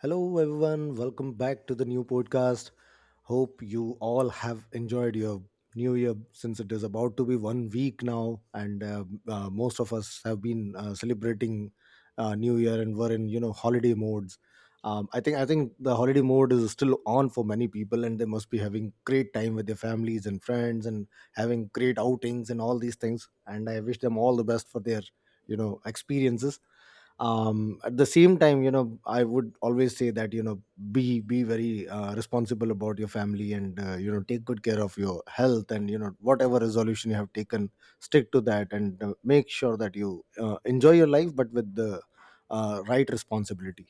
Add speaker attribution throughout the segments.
Speaker 1: Hello, everyone. Welcome back to the new podcast. Hope you all have enjoyed your new year, since it is about to be 1 week now, and most of us have been celebrating New Year and were in holiday modes. I think the holiday mode is still on for many people, and they must be having great time with their families and friends, and having great outings and all these things. And I wish them all the best for their experiences. At the same time, I would always say that be very responsible about your family, and take good care of your health, and whatever resolution you have taken, stick to that, and make sure that you enjoy your life, but with the right responsibility.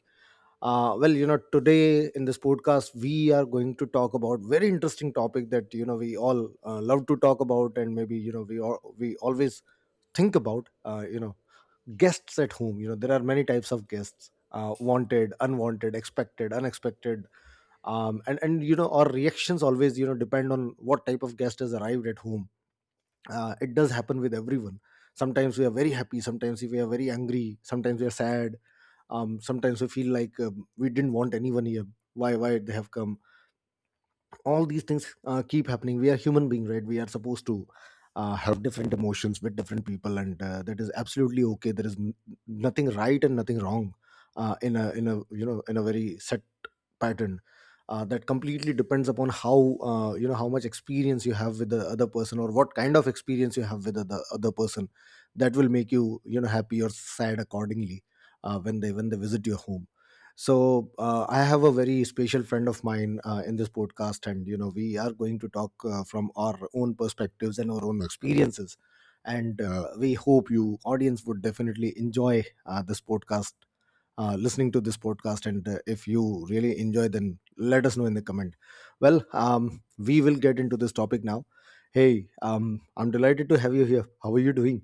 Speaker 1: Today in this podcast we are going to talk about very interesting topic that we all love to talk about, and maybe we always think about guests at home. There are many types of guests: wanted, unwanted, expected, unexpected. And our reactions always depend on what type of guest has arrived at home. It does happen with everyone. Sometimes we are very happy, sometimes we are very angry, sometimes we are sad. Sometimes we feel like, we didn't want anyone here. Why they have come? All these things keep happening. We are human being, right? We are supposed to have different emotions with different people, and that is absolutely okay. There is nothing right and nothing wrong in a in a very set pattern. That completely depends upon how how much experience you have with the other person, or what kind of experience you have with the other person. That will make you you know happy or sad accordingly when they visit your home. So I have a very special friend of mine in this podcast, and we are going to talk from our own perspectives and our own experiences, and we hope you audience would definitely enjoy listening to this podcast. And if you really enjoy, then let us know in the comment. Well, we will get into this topic now. Hey, I'm delighted to have you here. How are you doing?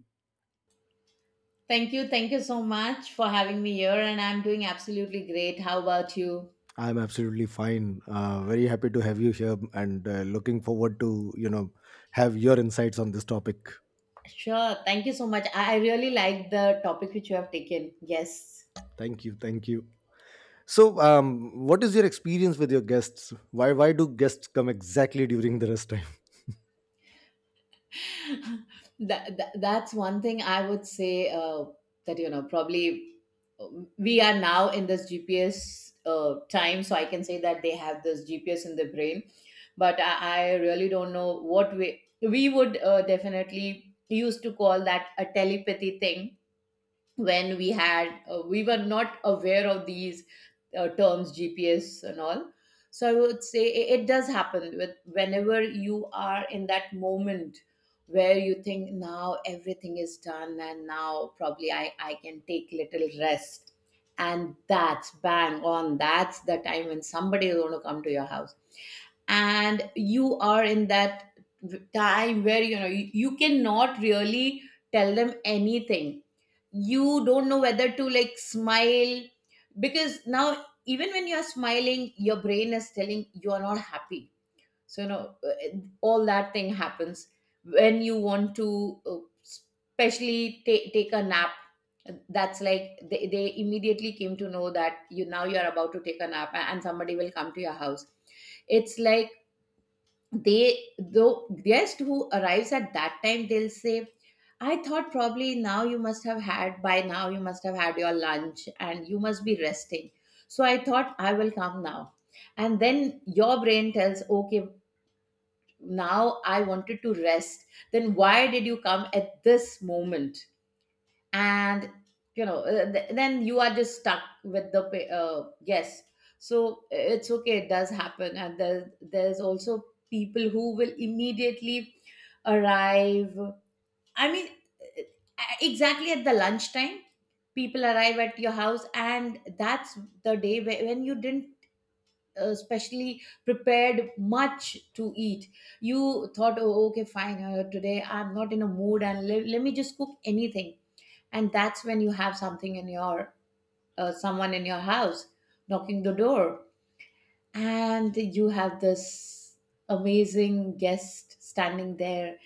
Speaker 2: Thank you. Thank you so much for having me here. And I'm doing absolutely great. How about you?
Speaker 1: I'm absolutely fine. Very happy to have you here, and looking forward to, have your insights on this topic.
Speaker 2: Sure. Thank you so much. I really like the topic which you have taken. Yes.
Speaker 1: Thank you. Thank you. So, what is your experience with your guests? Why do guests come exactly during the rest time?
Speaker 2: That's one thing I would say that, you know, probably we are now in this GPS time. So I can say that they have this GPS in the brain. But I really don't know what way we would definitely used to call that a telepathy thing when we had we were not aware of these terms GPS and all. So I would say it does happen with whenever you are in that moment where you think now everything is done and now probably I can take little rest. And that's bang on, that's the time when somebody is going to come to your house, and you are in that time where you know you cannot really tell them anything. You don't know whether to like smile, because now even when you're smiling your brain is telling you are not happy. So you know, all that thing happens when you want to especially take a nap. That's like they immediately came to know that you now you're about to take a nap, and somebody will come to your house. It's like they, though, guest who arrives at that time, they'll say, I thought probably now you must have had, by now you must have had your lunch and you must be resting, so I thought I will come now. And then your brain tells, okay, now I wanted to rest, then why did you come at this moment? And you know, then you are just stuck with the yes. So it's okay, it does happen. And there's also people who will immediately arrive. I mean, uh, exactly at the lunchtime people arrive at your house, and that's the day when you didn't specially prepared much to eat. You thought, oh okay fine, today I'm not in a mood and let me just cook anything. And that's when you have something in your someone in your house knocking the door, and you have this amazing guest standing there.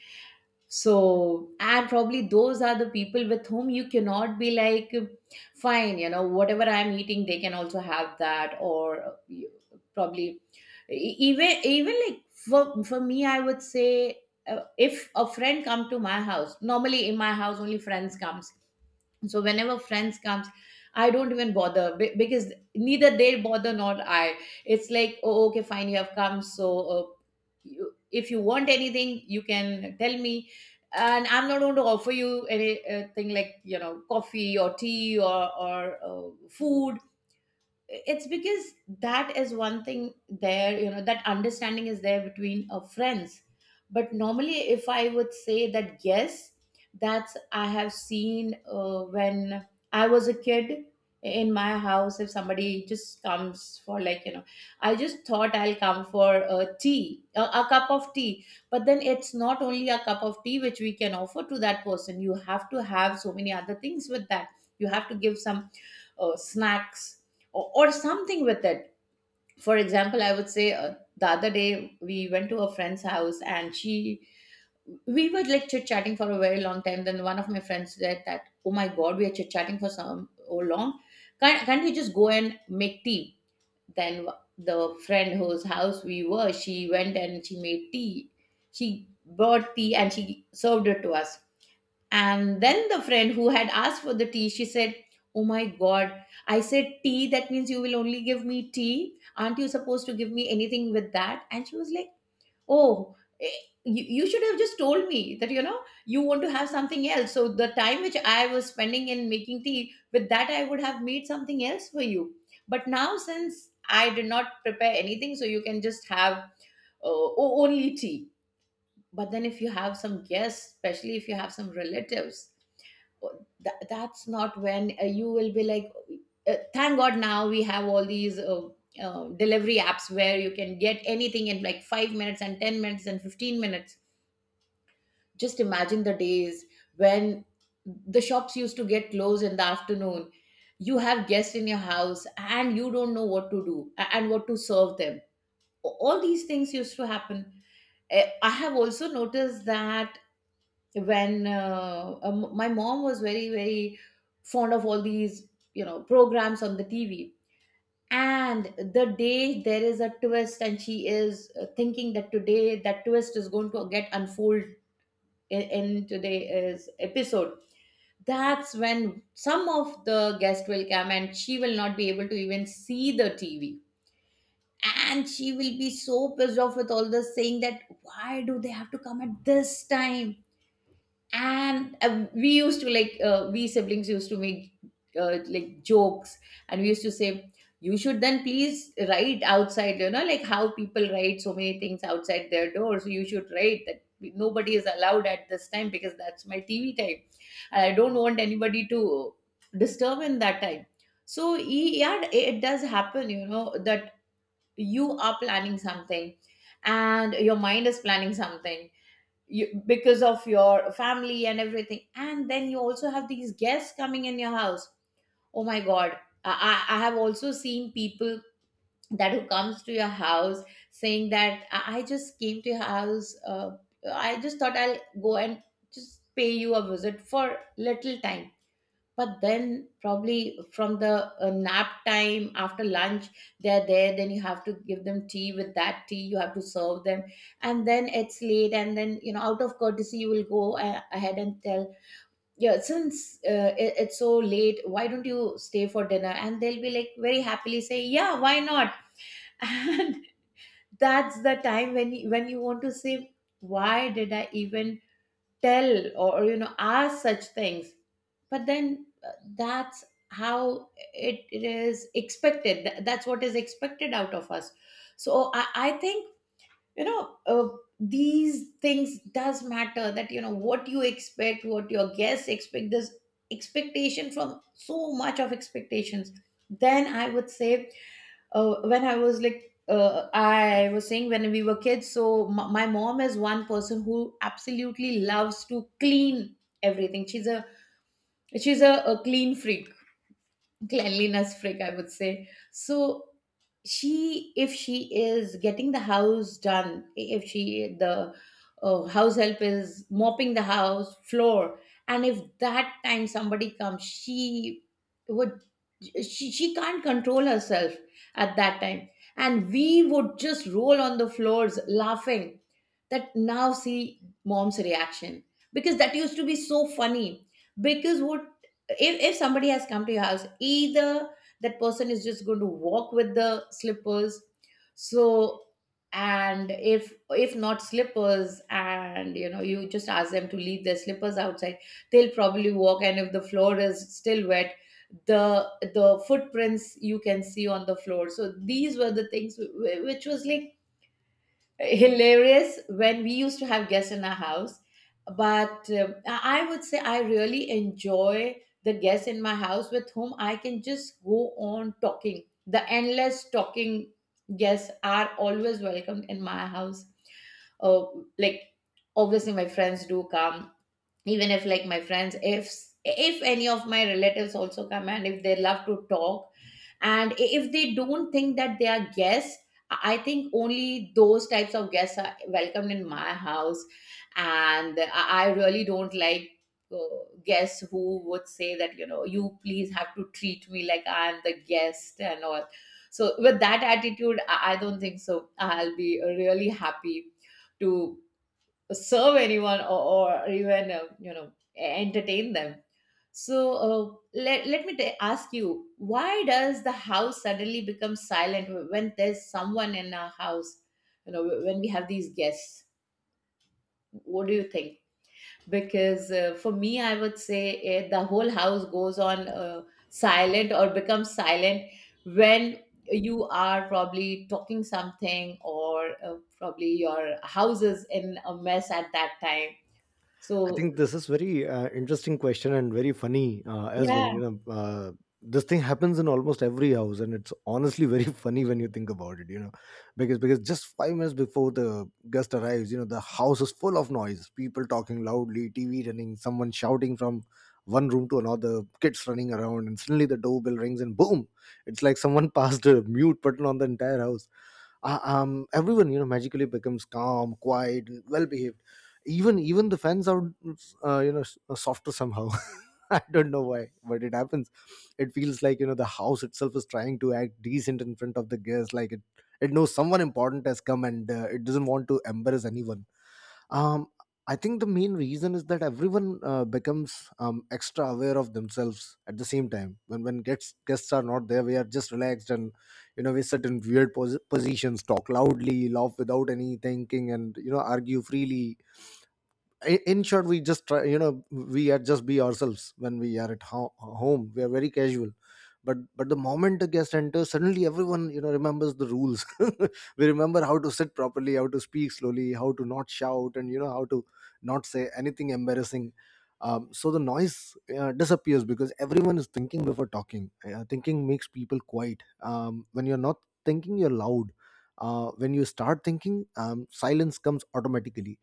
Speaker 2: So, and probably those are the people with whom you cannot be like, fine, you know, whatever I'm eating they can also have that. Or probably even like for me, I would say, if a friend come to my house, normally in my house only friends comes. So whenever friends comes, I don't even bother because neither they bother nor I. It's like, oh okay fine, you have come, so uh, you, if you want anything you can tell me, and I'm not going to offer you anything, like, you know, coffee or tea or food. It's because that is one thing there, you know, that understanding is there between friends. But normally, if I would say that, yes, that's, I have seen when I was a kid, in my house if somebody just comes for like, you know, I just thought I'll come for a tea, a cup of tea. But then it's not only a cup of tea which we can offer to that person, you have to have so many other things with that. You have to give some snacks or something with it. For example, I would say, the other day we went to a friend's house and she, we were like chit chatting for a very long time. Then one of my friends said that, "Oh my God, we are chit chatting for some so long. Can't we just go and make tea?" Then the friend whose house we were, she went and she made tea. She brought tea and she served it to us, and then the friend who had asked for the tea, she said, oh my God, I said, tea, that means you will only give me tea. Aren't you supposed to give me anything with that? And she was like, oh, eh, you should have just told me that, you know, you want to have something else. So the time which I was spending in making tea, with that I would have made something else for you. But now, since I did not prepare anything, so you can just have only tea. But then, if you have some guests, especially if you have some relatives, that's not when you will be like, thank god now we have all these delivery apps where you can get anything in like 5 minutes and 10 minutes and 15 minutes. Just imagine the days when the shops used to get closed in the afternoon, you have guests in your house and you don't know what to do and what to serve them. All these things used to happen. Eh, I have also noticed that when my mom was very very fond of all these, you know, programs on the TV, and the day there is a twist and she is thinking that today that twist is going to get unfold in today's episode, that's when some of the guests will come and she will not be able to even see the TV, and she will be so pissed off with all this, saying that why do they have to come at this time. And we used to like we siblings used to make like jokes. And we used to say, you should then please write outside, you know, like how people write so many things outside their door, so you should write that nobody is allowed at this time because that's my TV time and I don't want anybody to disturb in that time. so y- yeah, it does happen, you know, that you are planning something and your mind is planning something, you, because of your family and everything. And then you also have these guests coming in your house. Oh my God. I have also seen people that who comes to your house saying that, I just came to your house. I just thought I'll go and just pay you a visit for little time. But then probably from the nap time after lunch they're there, then you have to give them tea, with that tea you have to serve them, and then it's late, and then you know, out of courtesy you will go ahead and tell, yeah, since it's so late, why don't you stay for dinner? And they'll be like very happily say, yeah why not. And that's the time when when you want to say, why did I even tell? Or you know, ask such things. But then, that's how it is expected. That's what is expected out of us. So I think, you know, these things does matter, that you know what you expect, what your guests expect, this expectation, from so much of expectations. Then I would say, when I was like, I was saying, when we were kids, so my mom is one person who absolutely loves to clean everything. She's a, a clean freak, cleanliness freak I would say. So she, if she is getting the house done, if she, the house help is mopping the house floor, and if that time somebody comes, she would, she can't control herself at that time. And we would just roll on the floors laughing, that now see mom's reaction, because that used to be so funny. Because what, if somebody has come to your house, either that person is just going to walk with the slippers, so, and if not slippers and you know you just ask them to leave their slippers outside, they'll probably walk, and if the floor is still wet, the footprints you can see on the floor. So these were the things which was like hilarious when we used to have guests in our house. But I would say, I really enjoy the guests in my house with whom I can just go on talking. The endless talking guests are always welcomed in my house. Uh, like, obviously my friends do come. Even if my friends, if any of my relatives also come and if they love to talk, and if they don't think that they are guests, I think only those types of guests are welcomed in my house. And I really don't like uh, guests who would say that, you please have to treat me like I am the guest and all. So with that attitude, I don't think so I'll be really happy to serve anyone, or even entertain them. So let me ask you, why does the house suddenly become silent when there's someone in our house, when we have these guests? What do you think? Because for me, I would say the whole house goes on silent or becomes silent when you are probably talking something, or probably your house is in a mess at that time.
Speaker 1: I
Speaker 2: So
Speaker 1: think this is very interesting question, and very funny as
Speaker 2: yeah,
Speaker 1: well. You know, this thing happens in almost every house, and it's honestly very funny when you think about it. You know, because just 5 minutes before the guest arrives, you know, the house is full of noise, people talking loudly, TV running, someone shouting from one room to another, kids running around, and suddenly the doorbell rings, and boom, it's like someone passed a mute button on the entire house. Everyone, magically becomes calm, quiet, and well behaved. Even the fans are softer somehow. I don't know why, but it happens. It feels like the house itself is trying to act decent in front of the guests, like it knows someone important has come, and it doesn't want to embarrass anyone. um, I think the main reason is that everyone becomes extra aware of themselves. At the same time, when guests are not there, we are just relaxed, and we sit in weird positions, talk loudly, laugh without any thinking, and argue freely. In short, we just try, we are just be ourselves. When we are at home, we are very casual. But the moment a guest enters, suddenly everyone, remembers the rules. We remember how to sit properly, how to speak slowly, how to not shout, and how to not say anything embarrassing. So the noise disappears because everyone is thinking before talking. Thinking makes people quiet. When you're not thinking, you're loud. When you start thinking, silence comes automatically.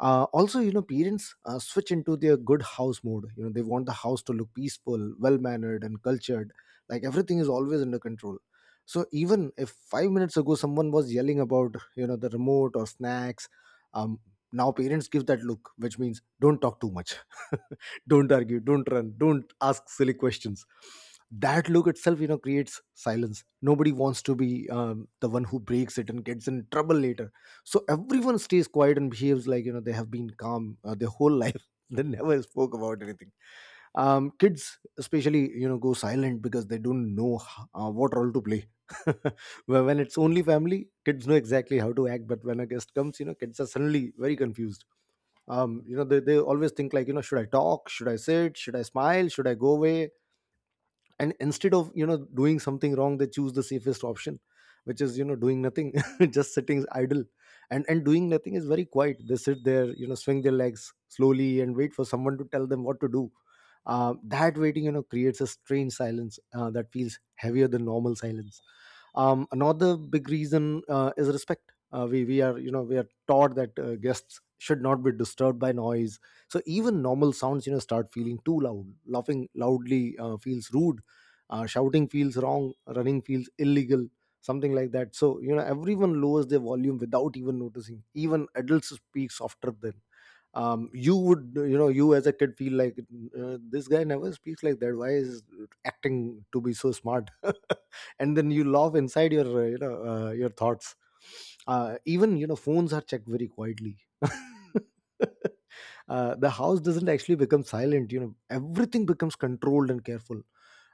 Speaker 1: Also, parents switch into their good house mode. They want the house to look peaceful, well mannered, and cultured, like everything is always under control. So even if 5 minutes ago someone was yelling about the remote or snacks, um now parents give that look which means don't talk too much. Don't argue, don't run, don't ask silly questions. That look itself, creates silence. Nobody wants to be the one who breaks it and gets in trouble later. So everyone stays quiet and behaves like they have been calm their whole life. They never spoke about anything. Kids especially go silent because they don't know what role to play. Where when it's only family, kids know exactly how to act, but when a guest comes, kids are suddenly very confused. They always think like, should I talk, should I sit, should I smile, should I go away? And instead of doing something wrong, they choose the safest option, which is doing nothing. Just sitting idle. And doing nothing is very quiet. They sit there, swing their legs slowly, and wait for someone to tell them what to do. That waiting, creates a strange silence that feels heavier than normal silence. Another big reason is respect. We are, we are taught that guests should not be disturbed by noise. So even normal sounds, start feeling too loud. Laughing loudly feels rude. Shouting feels wrong, running feels illegal, something like that. So everyone lowers their volume without even noticing. Even adults speak softer than, you would, you as a kid feel like, this guy never speaks like that, why is acting to be so smart. And then you laugh inside your your thoughts. Even phones are checked very quietly. The house doesn't actually become silent. Everything becomes controlled and careful,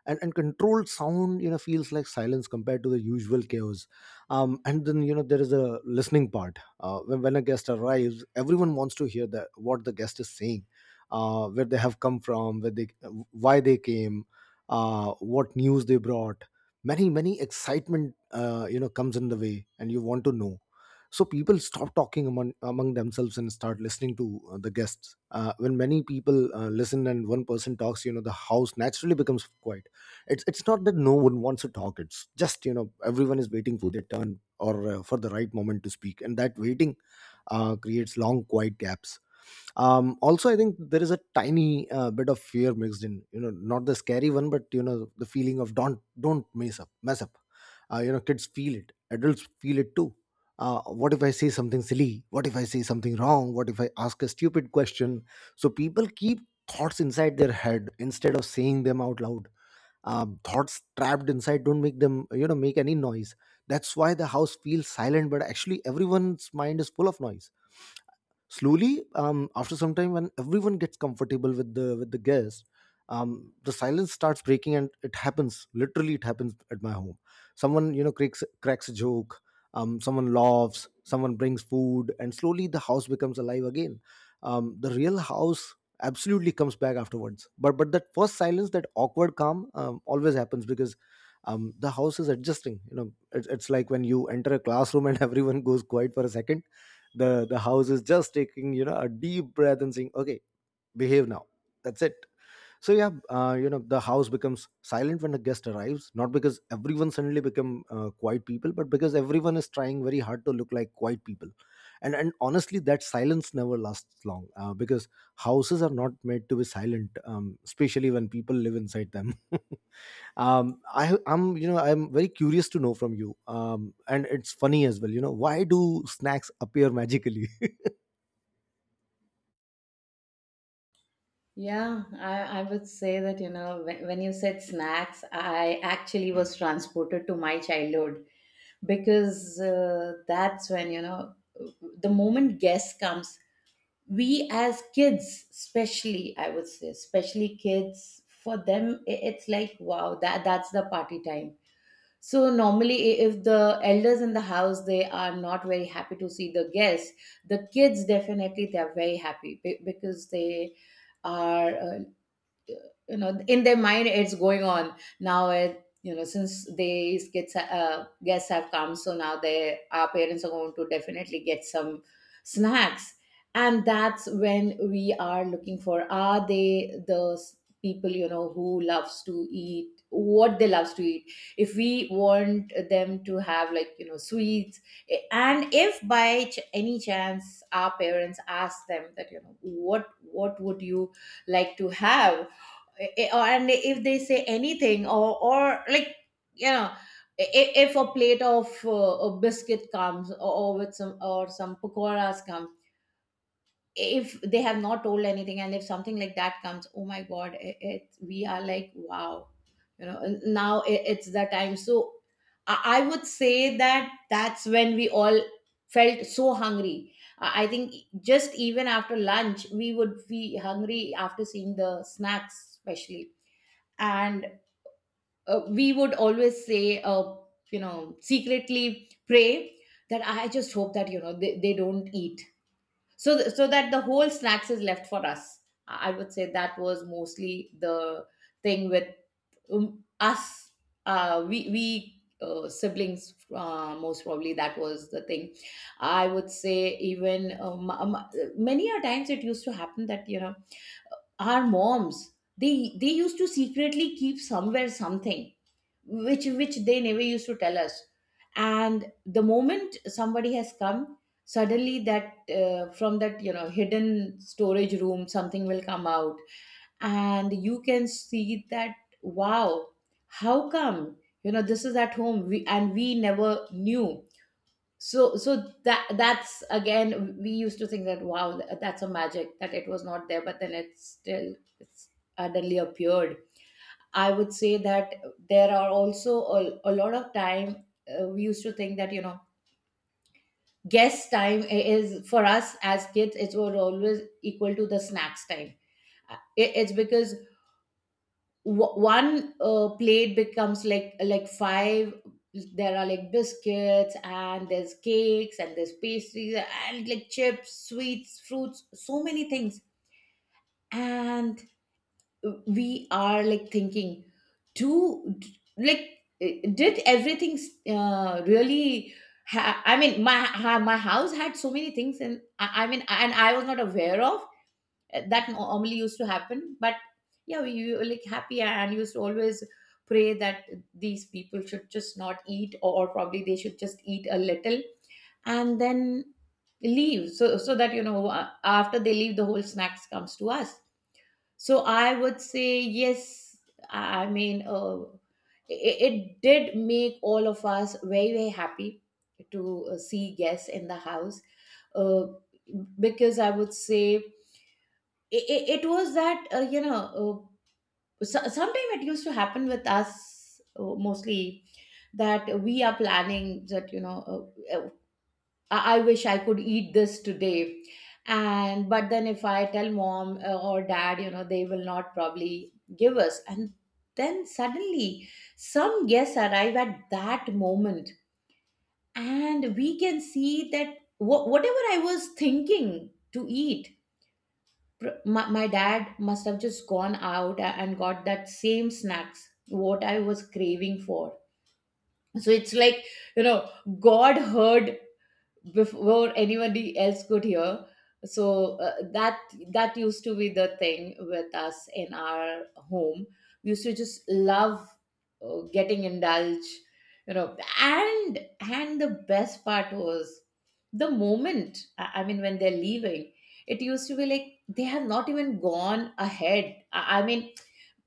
Speaker 1: and controlled sound, feels like silence compared to the usual chaos. And then there is a listening part. When a guest arrives, everyone wants to hear that what the guest is saying, where they have come from, where they why they came, what news they brought. Many many excitement, comes in the way, and you want to know. So people stop talking among themselves and start listening to the guests. When many people listen and one person talks, the house naturally becomes quiet. It's not that no one wants to talk, it's just everyone is waiting for their turn, or for the right moment to speak, and that waiting creates long quiet gaps. Also, I think there is a tiny bit of fear mixed in, not the scary one, but the feeling of don't mess up. Kids feel it, adults feel it too. What if I say something silly, what if I say something wrong, what if I ask a stupid question? So people keep thoughts inside their head instead of saying them out loud. Thoughts trapped inside don't make them, make any noise. That's why the house feels silent, but actually everyone's mind is full of noise. Slowly, after some time when everyone gets comfortable with the guest, the silence starts breaking. And it happens, literally it happens at my home. Someone cracks a joke, someone laughs, someone brings food, and slowly the house becomes alive again. The real house absolutely comes back afterwards, but that first silence, that awkward calm, always happens because the house is adjusting. It's like when you enter a classroom, and everyone goes quiet for a second. The house is just taking, a deep breath and saying, okay, behave now. That's it. So yeah, you know, the house becomes silent when a guest arrives, not because everyone suddenly become quiet people, but because everyone is trying very hard to look like quiet people. And honestly, that silence never lasts long, because houses are not made to be silent, especially when people live inside them. You know, I'm very curious to know from you. And it's funny as well, you know, why do snacks appear magically?
Speaker 2: yeah, I would say that, when you said snacks, I actually was transported to my childhood, because that's when, the moment guest comes, we as kids, especially, I would say, especially kids, for them it's like wow, that's the party time. So normally, if the elders in the house they are not very happy to see the guests, the kids definitely they are very happy, because they are in their mind it's going on, now, it you know since these kids guests have come, so now they, our parents are going to definitely get some snacks. And that's when we are looking for, are they the people, who loves to eat, what they loves to eat. If we want them to have like, sweets. And if by any chance our parents ask them that, what would you like to have? And if they say anything, or like, you know if a plate of a biscuit comes, or with some, or some pakoras comes, if they have not told anything, and if something like that comes, oh my god, it we are like wow, and now it's the time. So I would say that that's when we all felt so hungry. I think just even after lunch, we would be hungry after seeing the snacks, especially. And we would always say, secretly pray that I just hope that, they don't eat. So that the whole snacks is left for us. I would say that was mostly the thing with us, we siblings, most probably that was the thing. I would say even many a times it used to happen that, our moms, they used to secretly keep somewhere something which they never used to tell us, and the moment somebody has come, suddenly that, from that, hidden storage room, something will come out, and you can see that, wow, how come, this is at home and we never knew. So that's again we used to think that wow, that's a magic, that it was not there but then it still it's suddenly appeared. I would say that there are also a lot of time we used to think that, guest time is for us as kids, it was always equal to the snacks time. It's because one plate becomes like five. There are like biscuits, and there's cakes, and there's pastries, and like chips, sweets, fruits, so many things. And we are like thinking, do, like did everything really I mean, my my house had so many things. And I mean, and I was not aware of that normally used to happen. But yeah, we were like happy, and used to always pray that these people should just not eat, or probably they should just eat a little, and then leave. So that, after they leave, the whole snacks comes to us. So I would say yes. I mean, it did make all of us very, very happy to see guests in the house, uh, because I would say it was that, sometime it used to happen with us mostly that we are planning that, I wish I could eat this today. And but then if I tell mom, or dad, they will not probably give us. And then suddenly some guests arrive at that moment, and we can see that whatever I was thinking to eat, my dad must have just gone out and got that same snacks what I was craving for. So it's like, you know, God heard before anybody else could hear. So that used to be the thing with us in our home. We used to just love getting indulged, and the best part was, the moment, I mean, when they're leaving, it used to be like they have not even gone ahead. I mean,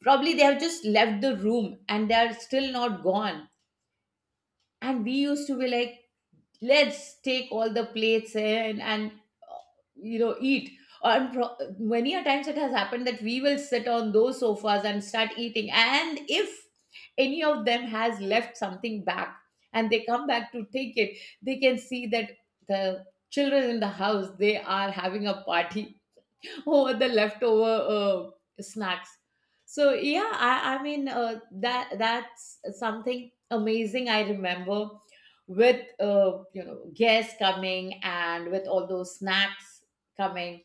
Speaker 2: probably they have just left the room, and they are still not gone, and we used to be like, let's take all the plates in and uh, eat. And many a times it has happened that we will sit on those sofas and start eating, and if any of them has left something back, and they come back to take it, they can see that the children in the house, they are having a party over the leftover snacks. So yeah, I mean, that's something amazing. I remember with, guests coming and with all those snacks coming.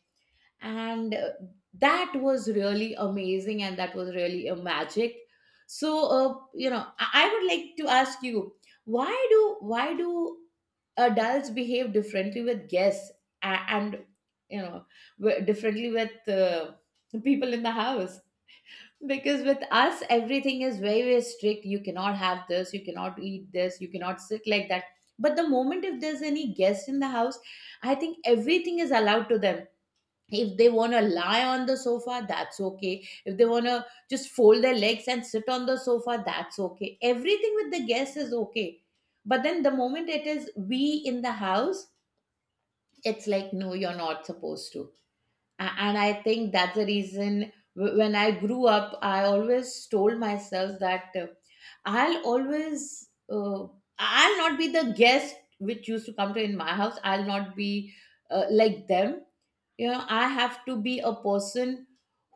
Speaker 2: And that was really amazing, and that was really a magic. So I would like to ask you, why do adults behave differently with guests? And, and you know w- differently with people in the house? Because with us, everything is very, very strict. You cannot have this, you cannot eat this, you cannot sit like that. But the moment if there's any guest in the house, I think everything is allowed to them. If they want to lie on the sofa, that's okay. If they want to just fold their legs and sit on the sofa, that's okay. Everything with the guest is okay. But then the moment it is we in the house, it's like, no, you're not supposed to. And I think that's the reason when I grew up, I always told myself that i'll always uh, I'll not be the guest which used to come to in my house. I'll not be like them. You know, I have to be a person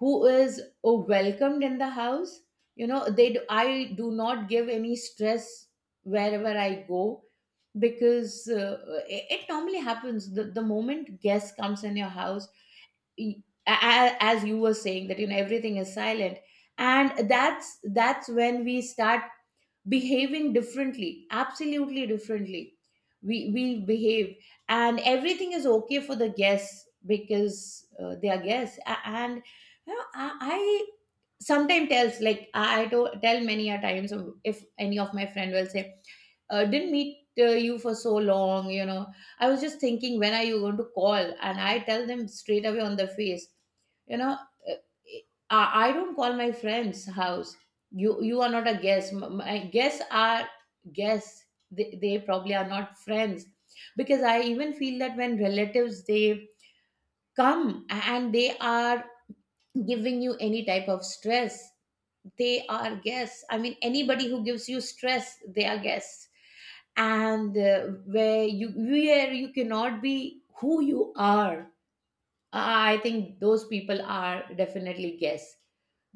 Speaker 2: who is welcomed in the house. I do not give any stress wherever I go. Because it normally happens, the moment guest comes in your house, as you were saying that, you know, everything is silent, and that's when we start behaving differently, absolutely differently we behave. And everything is okay for the guests, because they are guests. And you know, I sometimes tells like, tell many a times, if any of my friend will say, didn't meet you for so long, you know, I was just thinking, when are you going to call? And I tell them straight away on the face, you know, uh, I don't call my friends house. You are not a guest. My guests are guests. They probably are not friends. Because I even feel that when relatives, they come and they are giving you any type of stress, they are guests. I mean, anybody who gives you stress, they are guests. And where you, where you cannot be who you are, I think those people are definitely guess.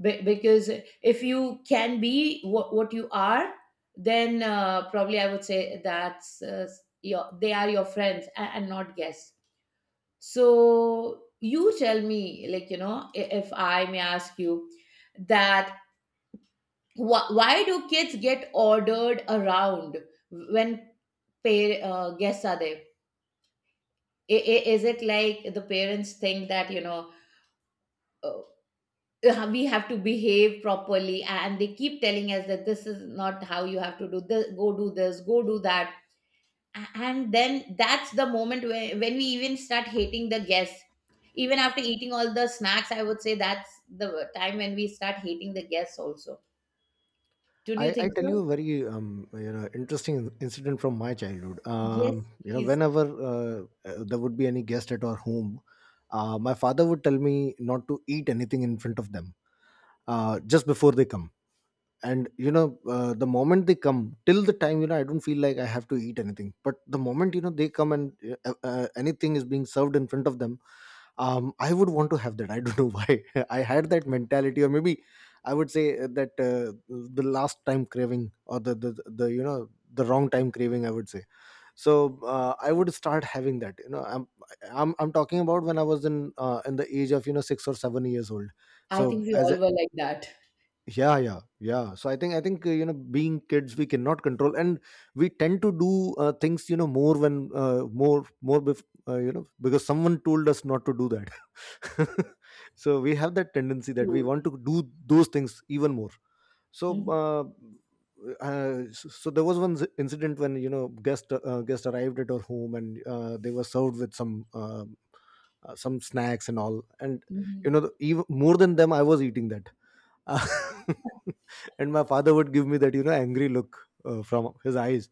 Speaker 2: Because if you can be what you are, then probably I would say that's your they are your friends, and not guess. So you tell me, like, you know, if I may ask you that, why do kids get ordered around when pay guests are there? Is it like the parents think that, uh, we have to behave properly, and they keep telling us that this is not how you have to do this, go do this, go do that. And then that's the moment where when we even start hating the guests. Even after eating all the snacks, I would say that's the time when we start hating the guests also. Don't you
Speaker 1: I
Speaker 2: think
Speaker 1: tell you
Speaker 2: so?
Speaker 1: a very you know, interesting incident from my childhood.
Speaker 2: Yes,
Speaker 1: You know,
Speaker 2: please.
Speaker 1: whenever uh, there would be any guest at our home, my father would tell me not to eat anything in front of them, just before they come. And you know, the moment they come, till the time, you know, I don't feel like I have to eat anything, but the moment, you know, they come and anything is being served in front of them, I would want to have that. I don't know why I had that mentality. Or maybe I would say that, the last time craving, or the you know, the wrong time craving, I would say. So I would start having that. You know, I'm talking about when I was in the age of, you know, 6 or 7 years old.
Speaker 2: I
Speaker 1: So
Speaker 2: think we
Speaker 1: as,
Speaker 2: all were like that
Speaker 1: yeah, yeah, yeah. So I think, I think you know, being kids, we cannot control, and we tend to do things, you know, more when you know, because someone told us not to do that. So we have that tendency that we
Speaker 2: too.
Speaker 1: want to do those things even more. So
Speaker 2: Mhm.
Speaker 1: so so there was one incident when, you know, guest arrived at our home, and they were served with some snacks and all. And you know,
Speaker 2: Mhm.
Speaker 1: even more than them, I was eating that. uh, and my father would give me that, you know, angry look from his eyes.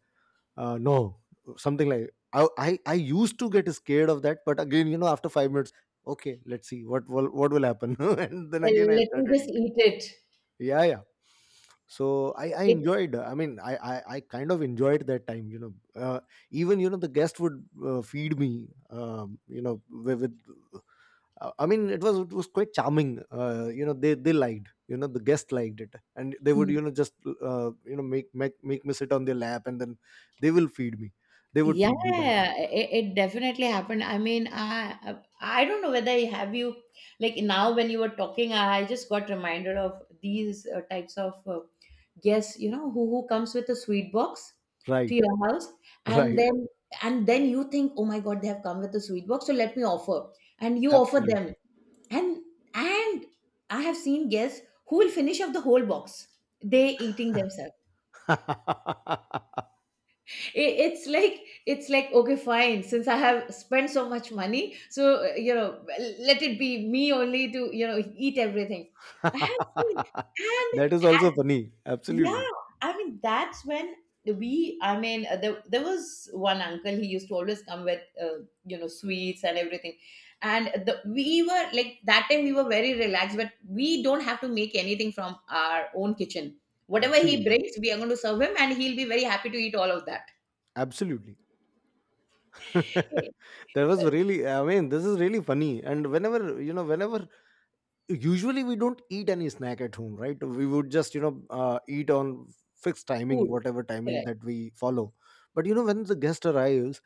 Speaker 1: No, something like, I used to get scared of that. But again, you know, after 5 minutes, okay, let's see what will, what will happen. And then again I
Speaker 2: Let me
Speaker 1: started
Speaker 2: just
Speaker 1: eating.
Speaker 2: eat
Speaker 1: Yeah, yeah. So I enjoyed. I mean, I kind of enjoyed that time. You know, uh, even, you know, the guest would feed me. You know, with I mean, it was, it was quite charming. You know, they liked, you know, the guest liked it, and they would, you
Speaker 2: it.
Speaker 1: know, just you know, make me sit on their lap, and then they will feed me, they would
Speaker 2: Yeah,
Speaker 1: feed me that.
Speaker 2: it definitely happened. I mean, I don't know whether have you, like, now when you were talking, I just got reminded of these types of guests. You know, who comes with a sweet box to
Speaker 1: Right,
Speaker 2: your house, and
Speaker 1: right,
Speaker 2: then, and then you think, oh my God, they have come with a sweet box, so let me offer, and you offer
Speaker 1: absolutely.
Speaker 2: them. And and I have seen guests who will finish up the whole box, they eating themselves. It's like, okay, fine, since I have spent so much money, so uh, you know let it be me only to, you know, eat everything. I have seen. And,
Speaker 1: That is also
Speaker 2: and
Speaker 1: funny. Absolutely,
Speaker 2: Yeah, I mean, that's when we I mean, there was one uncle, he used to always come with sweets and everything. And we were like, that time we were very relaxed, but we don't have to make anything from our own kitchen. Whatever he
Speaker 1: absolutely,
Speaker 2: brings, we are going to serve him, and he'll be very happy to eat all of that
Speaker 1: absolutely. That was
Speaker 2: uh,
Speaker 1: really, I mean, this is really funny. And whenever, you know, whenever usually we don't eat any snack at home, right, we would just, you know, eat on fixed timing,
Speaker 2: food.
Speaker 1: whatever timing
Speaker 2: Correct.
Speaker 1: that we follow. But you know, when the guest arrives,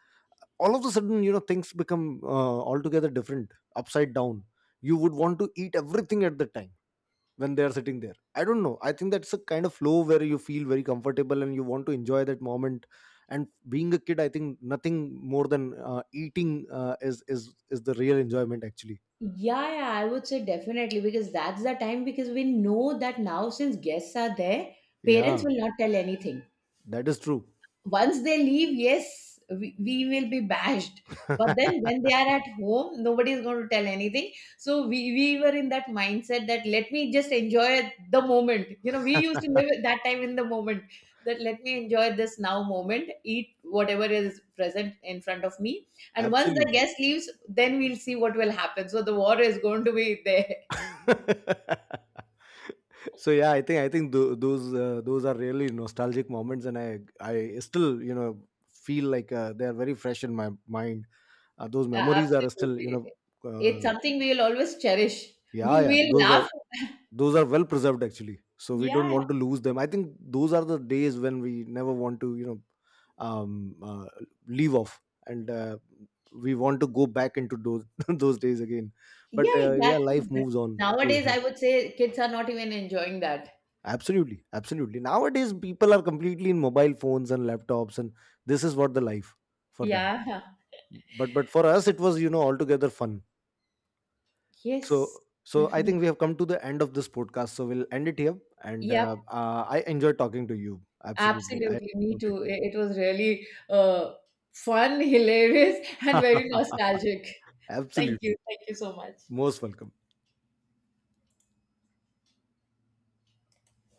Speaker 1: all of a sudden, you know, things become altogether different, upside down. You would want to eat everything at the time when they are sitting there. I don't know, I think that's a kind of flow where you feel very comfortable and you want to enjoy that moment. And being a kid, I think nothing more than eating is the real enjoyment, actually.
Speaker 2: Yeah, I would say definitely, because that's the time, because we know that now since guests are there, parents
Speaker 1: Yeah,
Speaker 2: will not tell anything.
Speaker 1: that is true.
Speaker 2: Once they leave, yes, we will be bashed. But then when they are at home, nobody is going to tell anything. So we were in that mindset that let me just enjoy the moment. You know, we used to live at that time in the moment, that let me enjoy this now moment, eat whatever is present in front of me. And once the
Speaker 1: Absolutely.
Speaker 2: guest leaves, then we'll see what will happen, so the war is going to be there.
Speaker 1: So yeah, I think, I think those are really nostalgic moments. And I still, you know, feel like they are very fresh in my mind. Those memories are still, you
Speaker 2: Absolutely.
Speaker 1: know,
Speaker 2: It's
Speaker 1: uh,
Speaker 2: something we will always cherish.
Speaker 1: yeah,
Speaker 2: We
Speaker 1: yeah,
Speaker 2: will
Speaker 1: those are,
Speaker 2: laugh.
Speaker 1: those are well preserved, actually. So we don't
Speaker 2: Yeah.
Speaker 1: want to lose them. I think those are the days when we never want to, you know, um, uh, leave off. And we want to go back into those those days again. But
Speaker 2: Yeah,
Speaker 1: yeah, life
Speaker 2: exactly. But
Speaker 1: moves on. We
Speaker 2: nowadays,
Speaker 1: have
Speaker 2: I would say kids are not even enjoying that.
Speaker 1: absolutely, absolutely, nowadays people are completely in mobile phones and laptops, and this is what the life for them.
Speaker 2: Yeah.
Speaker 1: But for us it was, you know, altogether fun.
Speaker 2: Yes,
Speaker 1: So, so I
Speaker 2: definitely.
Speaker 1: think we have come to the end of this podcast. So we'll end it here. And
Speaker 2: Yep,
Speaker 1: I enjoyed talking to you. Absolutely, I
Speaker 2: absolutely. Me
Speaker 1: loved it.
Speaker 2: too. It was really fun, hilarious, and very nostalgic. Thank
Speaker 1: Absolutely,
Speaker 2: you. Thank you so much.
Speaker 1: most welcome.